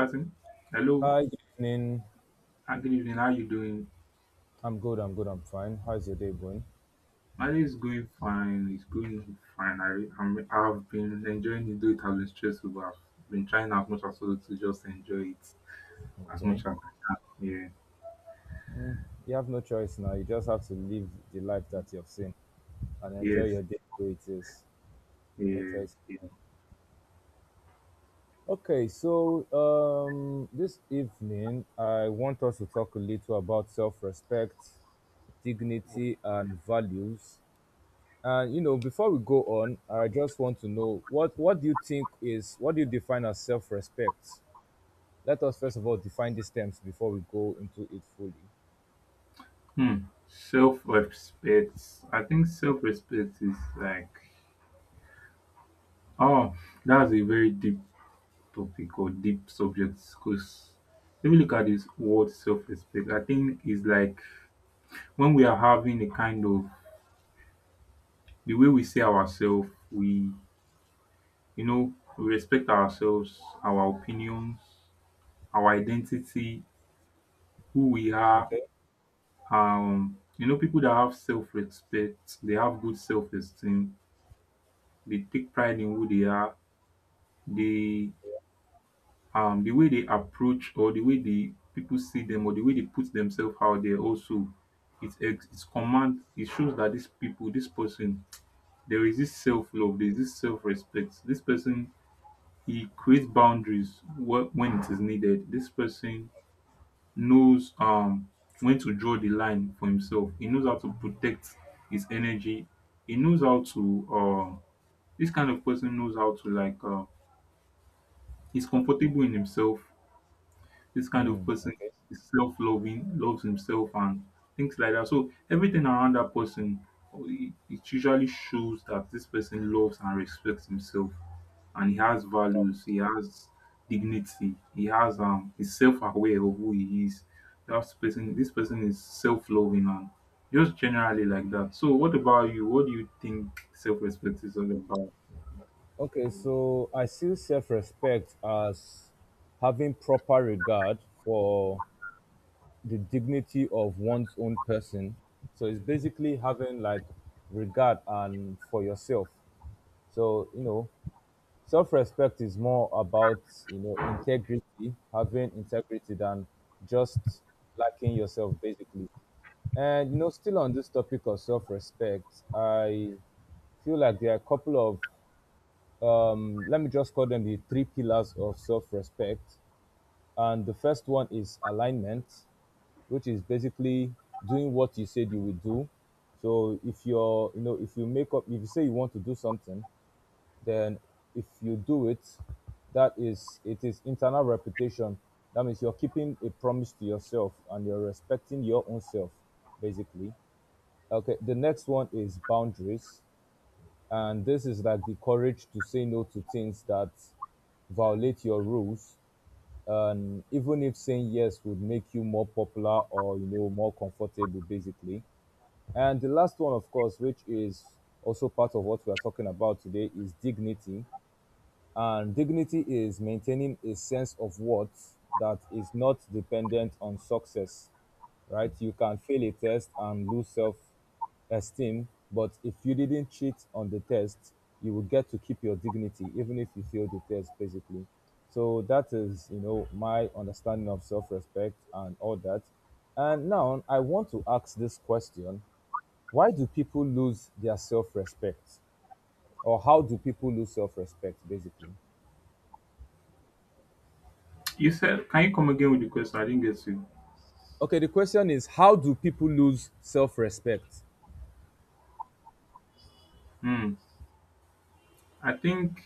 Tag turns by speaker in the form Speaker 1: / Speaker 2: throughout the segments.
Speaker 1: Martin. Hello.
Speaker 2: Hi, good evening.
Speaker 1: Hi, good evening. How you doing?
Speaker 2: I'm fine. How's your day going?
Speaker 1: My day is going fine. It's going fine. I've been enjoying it, though it has been stressful, but I've been trying as much as possible to just enjoy it as much
Speaker 2: Okay.
Speaker 1: as I can.
Speaker 2: Mm, you have no choice now. You just have to live the life that you've seen and
Speaker 1: Yeah.
Speaker 2: enjoy
Speaker 1: Yes.
Speaker 2: your day the way it is. No
Speaker 1: Yeah.
Speaker 2: choice.
Speaker 1: Yeah.
Speaker 2: Okay, so this evening, I want us to talk a little about self respect, dignity, and values. And you know, before we go on, I just want to know what do you think is what do you define as self respect? Let us first of all define these terms before we go into it fully.
Speaker 1: Hmm. Self-respect. I think self-respect is like oh, that's a very deep topic or deep subject because if you look at this word self-respect, I think it's like when we are having a kind of the way we see ourselves, we we respect ourselves, our opinions, our identity, who we are.
Speaker 2: Okay.
Speaker 1: You know, people that have self-respect, they have good self-esteem, they take pride in who they are, they the way they approach or the way the people see them or the way they put themselves out there also it's command it shows that these people this person there is this self-love, there is this self-respect. This person he creates boundaries when it is needed. This person knows when to draw the line for himself. He knows how to protect his energy. He knows how to this kind of person knows how to he's comfortable in himself. This kind of person
Speaker 2: Okay.
Speaker 1: is self loving, loves himself, and things like that. So, everything around that person, it usually shows that this person loves and respects himself and he has values, he has dignity, he has he's self aware of who he is. That person this person is self loving and just generally like that. So what about you? What do you think self respect is all about?
Speaker 2: Okay. So I see self respect as having proper regard for the dignity of one's own person. So it's basically having like regard and for yourself. So, you know, self respect is more about, you know, integrity, having integrity than just liking yourself basically. And you know, still on this topic of self-respect, I feel like there are a couple of let me just call them the three pillars of self-respect. And the first one is alignment, which is basically doing what you said you will do. So if you say you want to do something, then if you do it, it is internal reputation. That means you're keeping a promise to yourself and you're respecting your own self, basically. Okay, the next one is boundaries. And this is like the courage to say no to things that violate your rules. And even if saying yes would make you more popular or, you know, more comfortable, basically. And the last one, of course, which is also part of what we are talking about today, is dignity. And dignity is maintaining a sense of worth that is not dependent on success, right? You can fail a test and lose self esteem, but if you didn't cheat on the test, you will get to keep your dignity, even if you fail the test, basically. So that is, you know, my understanding of self respect and all that. And now I want to ask this question: why do people lose their self respect? Or how do people lose self respect, basically?
Speaker 1: You said can you come again with the question? I didn't get you.
Speaker 2: Okay, the question is how do people lose self respect?
Speaker 1: Hmm. I think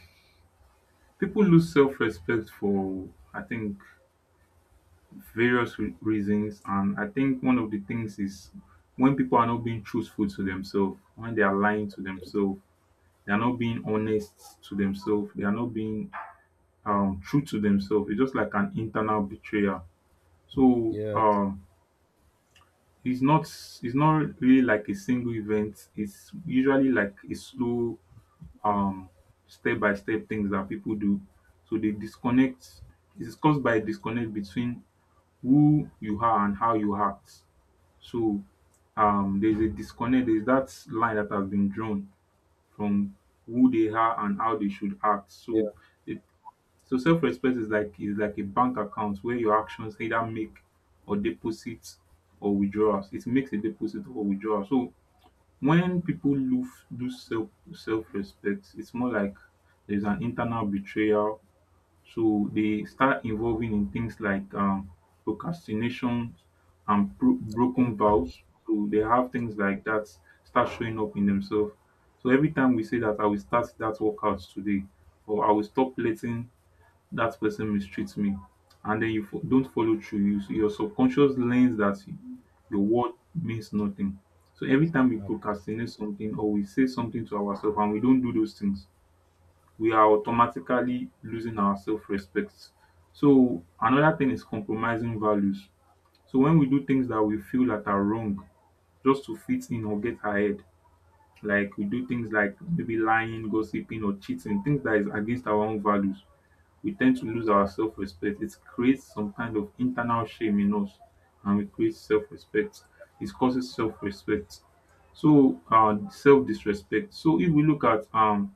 Speaker 1: people lose self-respect for I think various reasons, and I think one of the things is when people are not being truthful to themselves, when they are lying to themselves, they are not being honest to themselves, they are not being true to themselves. It's just like an internal betrayal. so
Speaker 2: Yeah,
Speaker 1: um it's not, it's not really like a single event. It's usually like a slow, um step by step things that people do. So they disconnect. It is caused by a disconnect between who you are and how you act. So there's a disconnect, there's that line that has been drawn from who they are and how they should act. So
Speaker 2: yeah.
Speaker 1: it, so self-respect is like a bank account where your actions either make or deposit or withdrawals. It makes a deposit or withdrawal. So when people lose self-respect, it's more like there's an internal betrayal. So they start involving in things like procrastination and
Speaker 2: Okay.
Speaker 1: broken vows. So they have things like that start showing up in themselves. So every time we say that I will start that workout today, or I will stop letting that person mistreats me, and then you don't follow through, you, your subconscious learns that you- your word means nothing. So every time we
Speaker 2: Uh,
Speaker 1: procrastinate something or we say something to ourselves and we don't do those things, we are automatically losing our self-respect. So another thing is compromising values. So when we do things that we feel that are wrong just to fit in or get ahead, like we do things like maybe lying, gossiping, or cheating, things that is against our own values, we tend to lose our self-respect. It creates some kind of internal shame in us, and we creates self-respect. It causes self-respect. So self-disrespect. So if we look at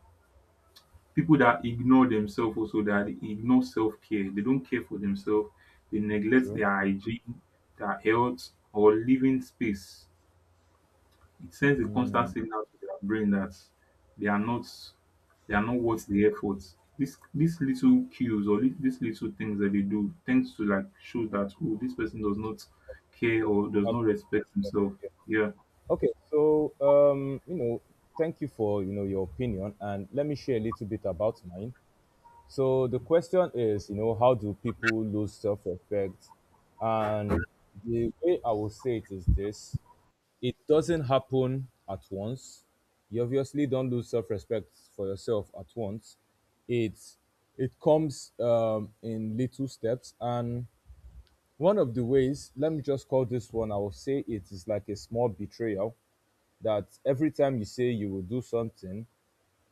Speaker 1: people that ignore themselves, also that ignore self-care, they don't care for themselves, they neglect
Speaker 2: true.
Speaker 1: their hygiene, their health, or living space. It sends a constant signal to their brain that they are not, they are not worth the effort. This these little cues, or these little things that they do tends to like show that oh, this person does not care or does
Speaker 2: Have-
Speaker 1: not respect himself.
Speaker 2: yeah.
Speaker 1: Yeah,
Speaker 2: Okay, so you know, thank you for you know your opinion, and let me share a little bit about mine. So the question is, you know, how do people lose self respect? And the way I will say it is this: it doesn't happen at once. You obviously don't lose self respect for yourself at once. It's it comes in little steps, and one of the ways, let me just call this one. I will say it is like a small betrayal, that every time you say you will do something,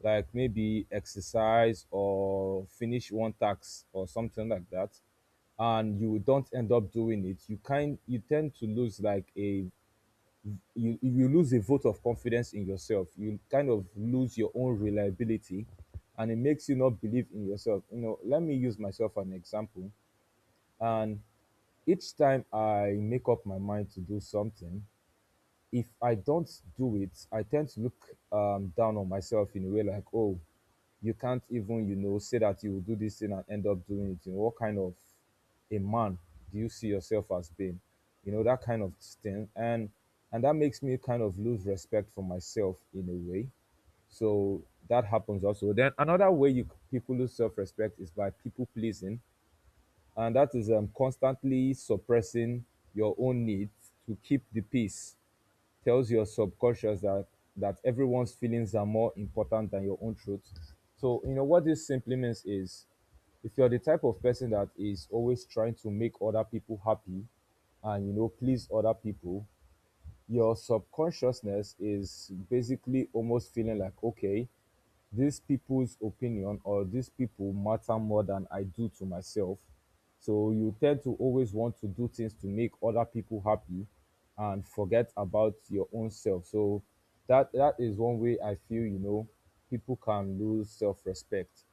Speaker 2: like maybe exercise or finish one task or something like that, and you don't end up doing it, you tend to lose like a you lose a vote of confidence in yourself, you kind of lose your own reliability, and it makes you not believe in yourself. You know, let me use myself as an example. And each time I make up my mind to do something, if I don't do it, I tend to look down on myself in a way like, oh, you can't even, you know, say that you will do this thing and end up doing it. You know, what kind of a man do you see yourself as being? You know, that kind of thing. And that makes me kind of lose respect for myself in a way. So that happens also. Then another way you people lose self-respect is by people pleasing, and that is constantly suppressing your own needs to keep the peace tells your subconscious that everyone's feelings are more important than your own truth. So you know what this simply means is, if you're the type of person that is always trying to make other people happy and you know please other people, your subconsciousness is basically almost feeling like, okay, these people's opinion or these people matter more than I do to myself. So you tend to always want to do things to make other people happy and forget about your own self. So that is one way I feel, you know, people can lose self-respect.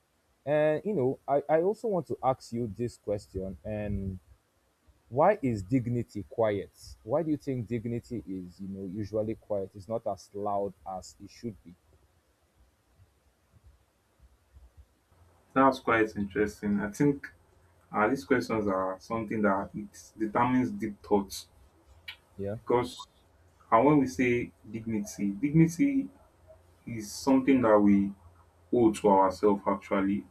Speaker 2: And you know, I also want to ask you this question. And why is dignity quiet? Why do you think dignity is, you know, usually quiet? It's not as loud as it should be.
Speaker 1: that's quite interesting. I think these questions are something that it determines deep thoughts
Speaker 2: Yeah.
Speaker 1: because, and when we say dignity, dignity is something that we owe to ourselves actually.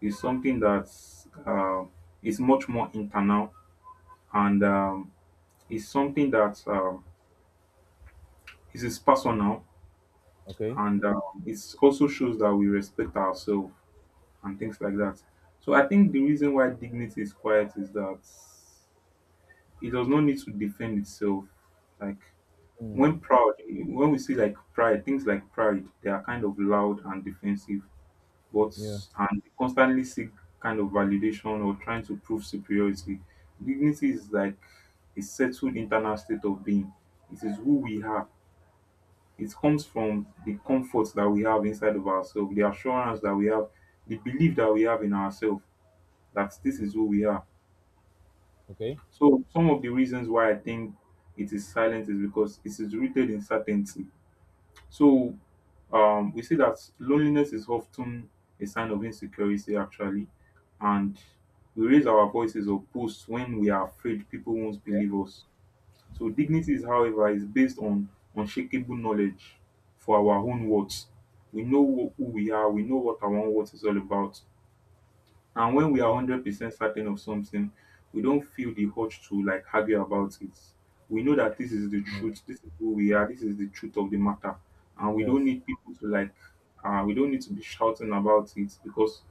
Speaker 1: Is something that's is much more internal, and is something that is personal,
Speaker 2: Okay.
Speaker 1: and it also shows that we respect ourselves and things like that. So I think the reason why dignity is quiet is that it does not need to defend itself. Like
Speaker 2: Hmm.
Speaker 1: when proud, when we see like pride, things like pride, they are kind of loud and defensive, but
Speaker 2: Yeah.
Speaker 1: and constantly seek kind of validation or trying to prove superiority. Dignity is like a settled internal state of being. It is who we are. It comes from the comfort that we have inside of ourselves, the assurance that we have, the belief that we have in ourselves, that this is who we are.
Speaker 2: Okay.
Speaker 1: So some of the reasons why I think it is silent is because it is rooted in certainty. So we see that loneliness is often a sign of insecurity, actually, and we raise our voices or posts when we are afraid people won't
Speaker 2: Yeah.
Speaker 1: believe us. So dignity is, however, is based on unshakable knowledge for our own worth. We know who we are. We know what our own worth is all about. And when we are 100% certain of something, we don't feel the urge to like argue about it. We know that this is the truth. This is who we are. This is the truth of the matter. And we don't
Speaker 2: Yes.
Speaker 1: need people to like, we don't need to be shouting about it because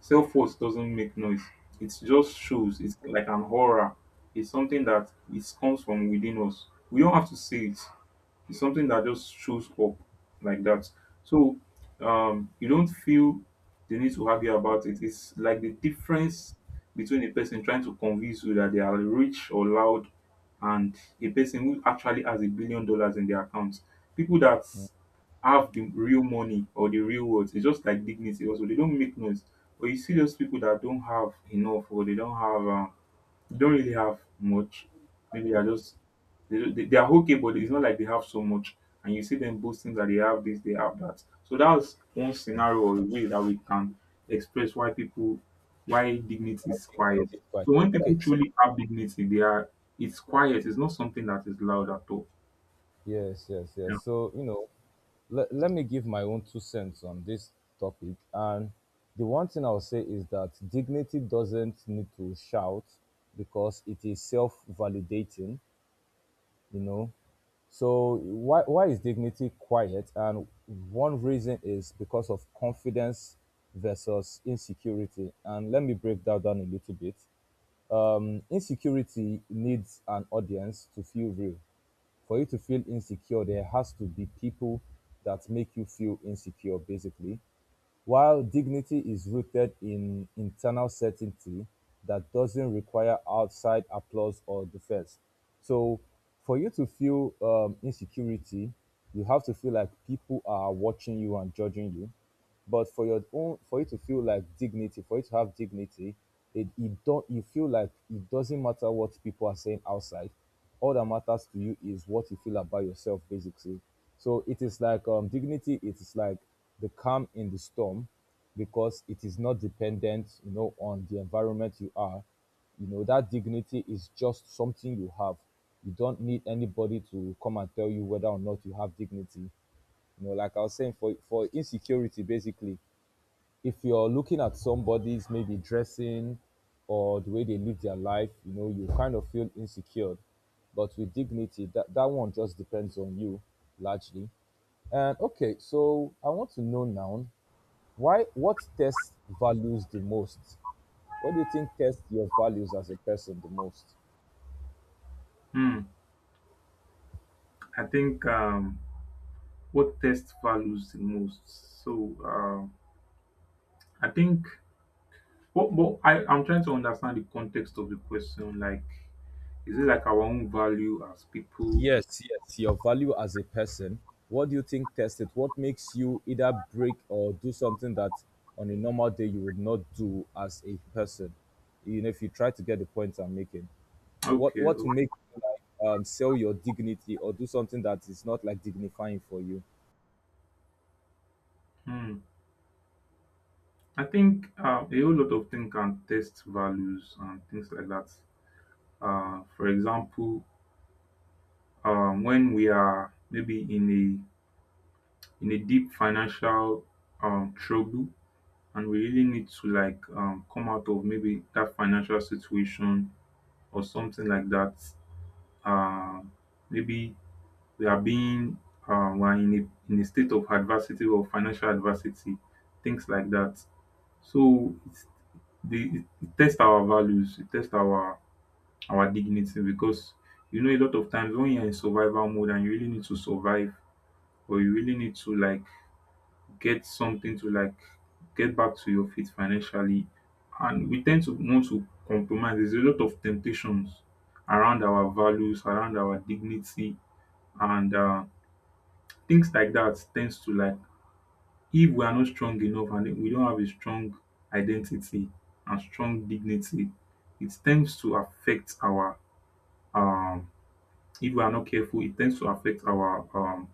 Speaker 1: self worth doesn't make noise. It just shows. It's like an aura. It's something that it comes from within us. We don't have to say it. It's something that just shows up like that. So you don't feel the need to argue about it. It's like the difference between a person trying to convince you that they are rich or loud, and a person who actually has a billion dollars in their account. People that have the real money or the real words, it's just like dignity also. They don't make noise. But you see those people that don't have enough, or they don't have don't really have much. Maybe they're just they, they are okay, but it's not like they have so much. And you see them boasting that they have this, they have that. So that's one
Speaker 2: Yeah.
Speaker 1: scenario or way that we can express why people, why dignity
Speaker 2: I
Speaker 1: is
Speaker 2: think it
Speaker 1: quiet.
Speaker 2: is fine.
Speaker 1: So when people
Speaker 2: Okay, so
Speaker 1: truly have dignity, they are, it's quiet. It's not something that is loud at all.
Speaker 2: yes, yes,
Speaker 1: Yeah.
Speaker 2: yes. So, you know, let me give my own two cents on this topic. And the one thing I'll say is that dignity doesn't need to shout because it is self validating, you know. So, why is dignity quiet? And one reason is because of confidence versus insecurity. And let me break that down a little bit. Insecurity needs an audience to feel real. For you to feel insecure, there has to be people that make you feel insecure, basically. While dignity is rooted in internal certainty that doesn't require outside applause or defense. So, for you to feel insecurity, you have to feel like people are watching you and judging you. But for you to feel like dignity, for you to have dignity, it don't you feel like it doesn't matter what people are saying outside. All that matters to you is what you feel about yourself basically. So it is like dignity, it is like the calm in the storm, because it is not dependent, you know, on the environment you are. You know that dignity is just something you have. You don't need anybody to come and tell you whether or not you have dignity. You know, like I was saying, for insecurity basically, if you're looking at somebody's maybe dressing or the way they live their life, you know, you kind of feel insecure. But with dignity, that one just depends on you largely. And okay, so I want to know now, why what test values the most? What do you think tests your values as a person the most?
Speaker 1: Hmm. I think what test values the most. So I think, but I'm trying to understand the context of the question. Like, is it like our own value as people?
Speaker 2: Yes, yes, your value as a person. What do you think test it? What makes you either break or do something that on a normal day you would not do as a person? You know, if you try to get the point I'm making, what
Speaker 1: Okay.
Speaker 2: what to make you like sell your dignity or do something that is not like dignifying for you?
Speaker 1: Hmm. I think a whole lot of things can test values and things like that. For example, when we are maybe in a, in a deep financial trouble, and we really need to like come out of maybe that financial situation or something like that. Uh, maybe we are being, we are in a, in a state of adversity or financial adversity, things like that. So it's the, it tests our values, it tests our dignity, because you know a lot of times when you're in survival mode and you really need to survive, or you really need to like get something to like get back to your feet financially, and we tend to want to compromise. There's a lot of temptations around our values, around our dignity, and things like that tends to like, if we are not strong enough and we don't have a strong identity and strong dignity, it tends to affect our um if we are not careful, it tends to affect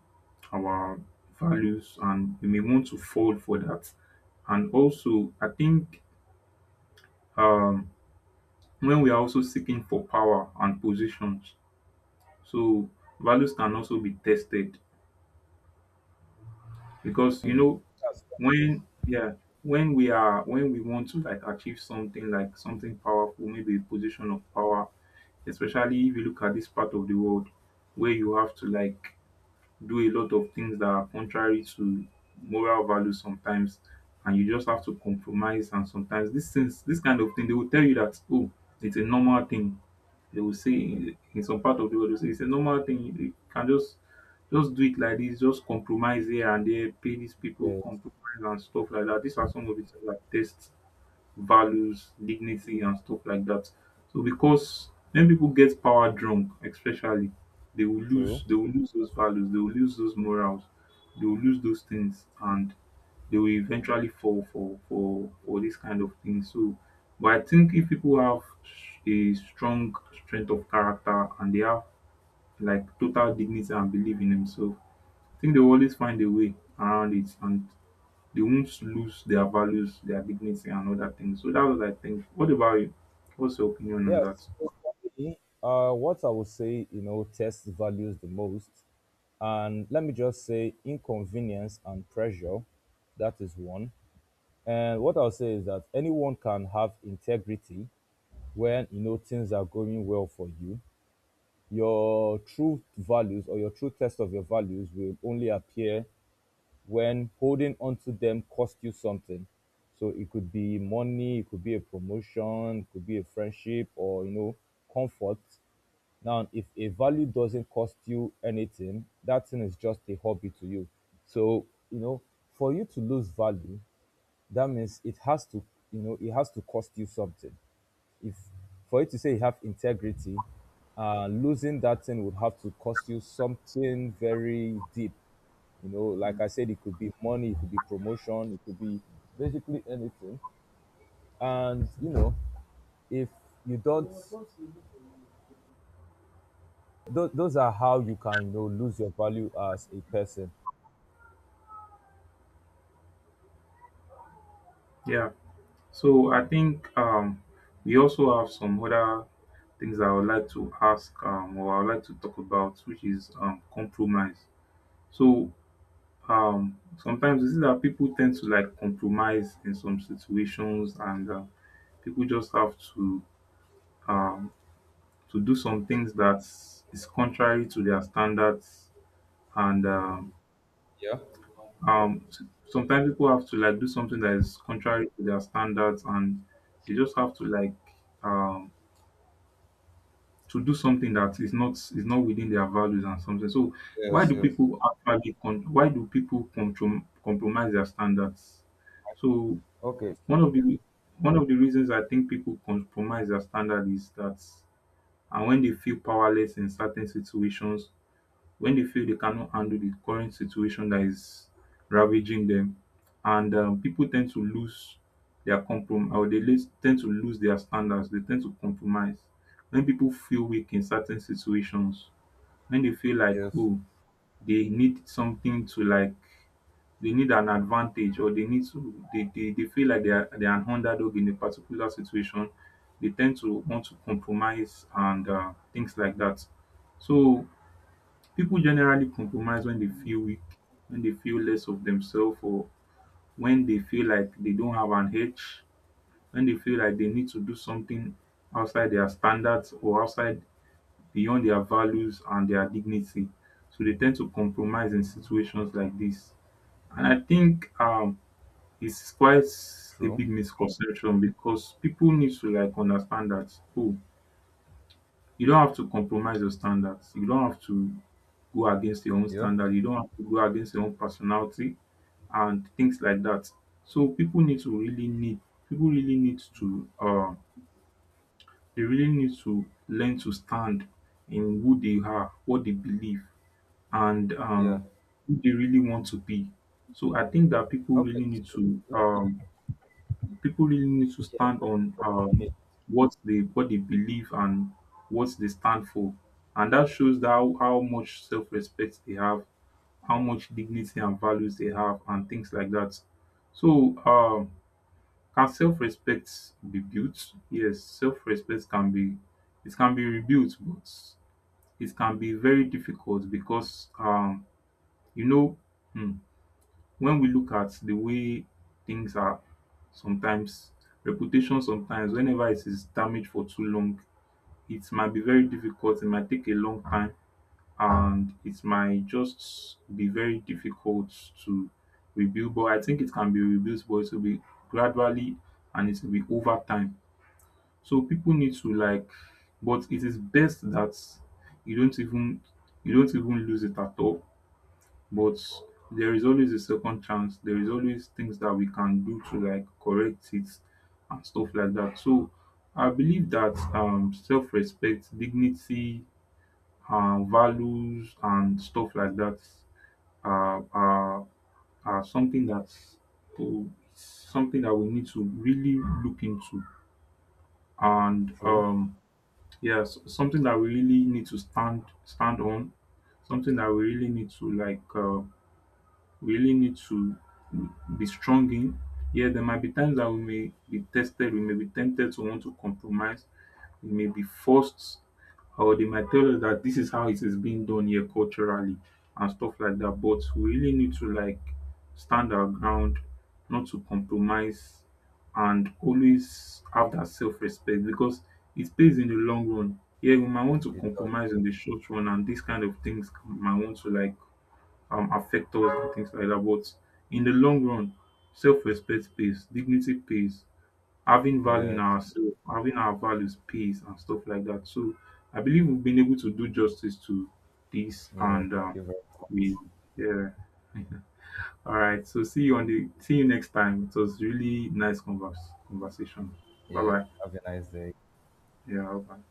Speaker 1: our values, and we may want to fall for that. And also I think um when we are also seeking for power and positions, so values can also be tested, because you know
Speaker 2: That's true.
Speaker 1: when yeah, when we are, when we want to like achieve something, like something powerful, maybe a position of power, especially if you look at this part of the world, where you have to like do a lot of things that are contrary to moral values sometimes, and you just have to compromise. And sometimes these things, this kind of thing, they will tell you that oh, it's a normal thing. They will say in some part of the world they will say it's a normal thing, you can just do it like this, just compromise here and there, pay these people,
Speaker 2: Yeah,
Speaker 1: compromise and stuff like that. These are some of the things that tests values, dignity, and stuff like that. So because when people get power drunk, especially, they will lose.
Speaker 2: true.
Speaker 1: They will lose those values. They will lose those morals. They will lose those things, and they will eventually fall for this kind of thing. So, but I think if people have a strong strength of character and they have like total dignity and belief in themselves, I think they will always find a way around it and they won't lose their values, their dignity, and other things. So that was, I think. What about you? What's your opinion on
Speaker 2: Yeah.
Speaker 1: that?
Speaker 2: So for me, what I would say, you know, test values the most, and let me just say inconvenience and pressure. That is one. And what I'll say is that anyone can have integrity when you know things are going well for you. Your true values or your true test of your values will only appear when holding onto them cost you something. So it could be money, it could be a promotion, it could be a friendship, or you know, comfort. Now, if a value doesn't cost you anything, that thing is just a hobby to you. So, you know, for you to lose value, that means it has to, you know, it has to cost you something. If for you to say you have integrity, uh, losing that thing would have to cost you something very deep. You know, like
Speaker 1: Mm.
Speaker 2: I said, it could be money, it could be promotion, it could be basically anything. And you know, if you don't those are how you can, you know, lose your value as a person.
Speaker 1: Yeah. So I think we also have some other things I would like to ask or I would like to talk about, which is compromise. So sometimes you see that people tend to like compromise in some situations, and people just have um, to do some things that is contrary to their standards and
Speaker 2: Yeah.
Speaker 1: um s- sometimes people have to like do something that is contrary to their standards and they just have to like um to do something that is not within their values and something. So why
Speaker 2: Yes.
Speaker 1: do
Speaker 2: Yes.
Speaker 1: people why do compromise their standards? So
Speaker 2: Okay.
Speaker 1: one of the one of the reasons I think people compromise their standard is that, and when they feel powerless in certain situations, when they feel they cannot handle the current situation that is ravaging them. And people tend to lose their compromise, or tend to lose their standards. They tend to compromise. When people feel weak in certain situations, when they feel like,
Speaker 2: Yes.
Speaker 1: oh, they need something to like, they need an advantage, or they need to, they feel like they are an underdog in a particular situation, they tend to want to compromise, and things like that. So people generally compromise when they feel weak, when they feel less of themselves, or when they feel like they don't have an edge, when they feel like they need to do something outside their standards or outside beyond their values and their dignity. So they tend to compromise in situations like this. And I think it's quite a
Speaker 2: True.
Speaker 1: big misconception, because people need to like understand that, oh, you don't have to compromise your standards. You don't have to go against your own
Speaker 2: Yeah.
Speaker 1: standard. You don't have to go against your own personality and things like that. So people really need to they really need to learn to stand in who they are, what they believe, and
Speaker 2: Yeah.
Speaker 1: who they really want to be. So I think that people
Speaker 2: Okay.
Speaker 1: really need to people really need to stand on what they believe and what they stand for, and that shows that how much self respect they have, how much dignity and values they have, and things like that. So, can self respect be built? Yes, self respect can be, it can be rebuilt, but it can be very difficult because you know, hmm, when we look at the way things are sometimes, reputation sometimes whenever it is damaged for too long, it might be very difficult, it might take a long time, and it might just be very difficult to rebuild. But I think it can be rebuilt, but it will be gradually, and it will be over time. So people need to like, but it is best that you don't even you don't even lose it at all. But there is always a second chance, there is always things that we can do to like correct it and stuff like that. So I believe that self-respect, dignity, values and stuff like that are, are, are something that's, oh, something that we need to really look into, and
Speaker 2: True.
Speaker 1: yes, something that we really need to stand on, something that we really need to like really need to be strong in. Yeah, there might be times that we may be tested, we may be tempted to want to compromise, we may be forced, or they might tell us that this is how it is being done here culturally and stuff like that. But we really need to like stand our ground, not to compromise, and always have that self respect, because it pays in the long run. Yeah, we might want to
Speaker 2: It,
Speaker 1: compromise in the short run, and these kind of things might want to like affect us and things like that. But in the long run, self-respect pays, dignity pays, having value in
Speaker 2: yeah.
Speaker 1: ourselves, having our values pays and stuff like that. So I believe we've been able to do justice to this,
Speaker 2: Yeah,
Speaker 1: and
Speaker 2: thank you very
Speaker 1: we,
Speaker 2: much.
Speaker 1: yeah. All right. So see you next time. It was really nice converse conversation. Bye
Speaker 2: Yeah,
Speaker 1: bye.
Speaker 2: have a nice day.
Speaker 1: Yeah, bye.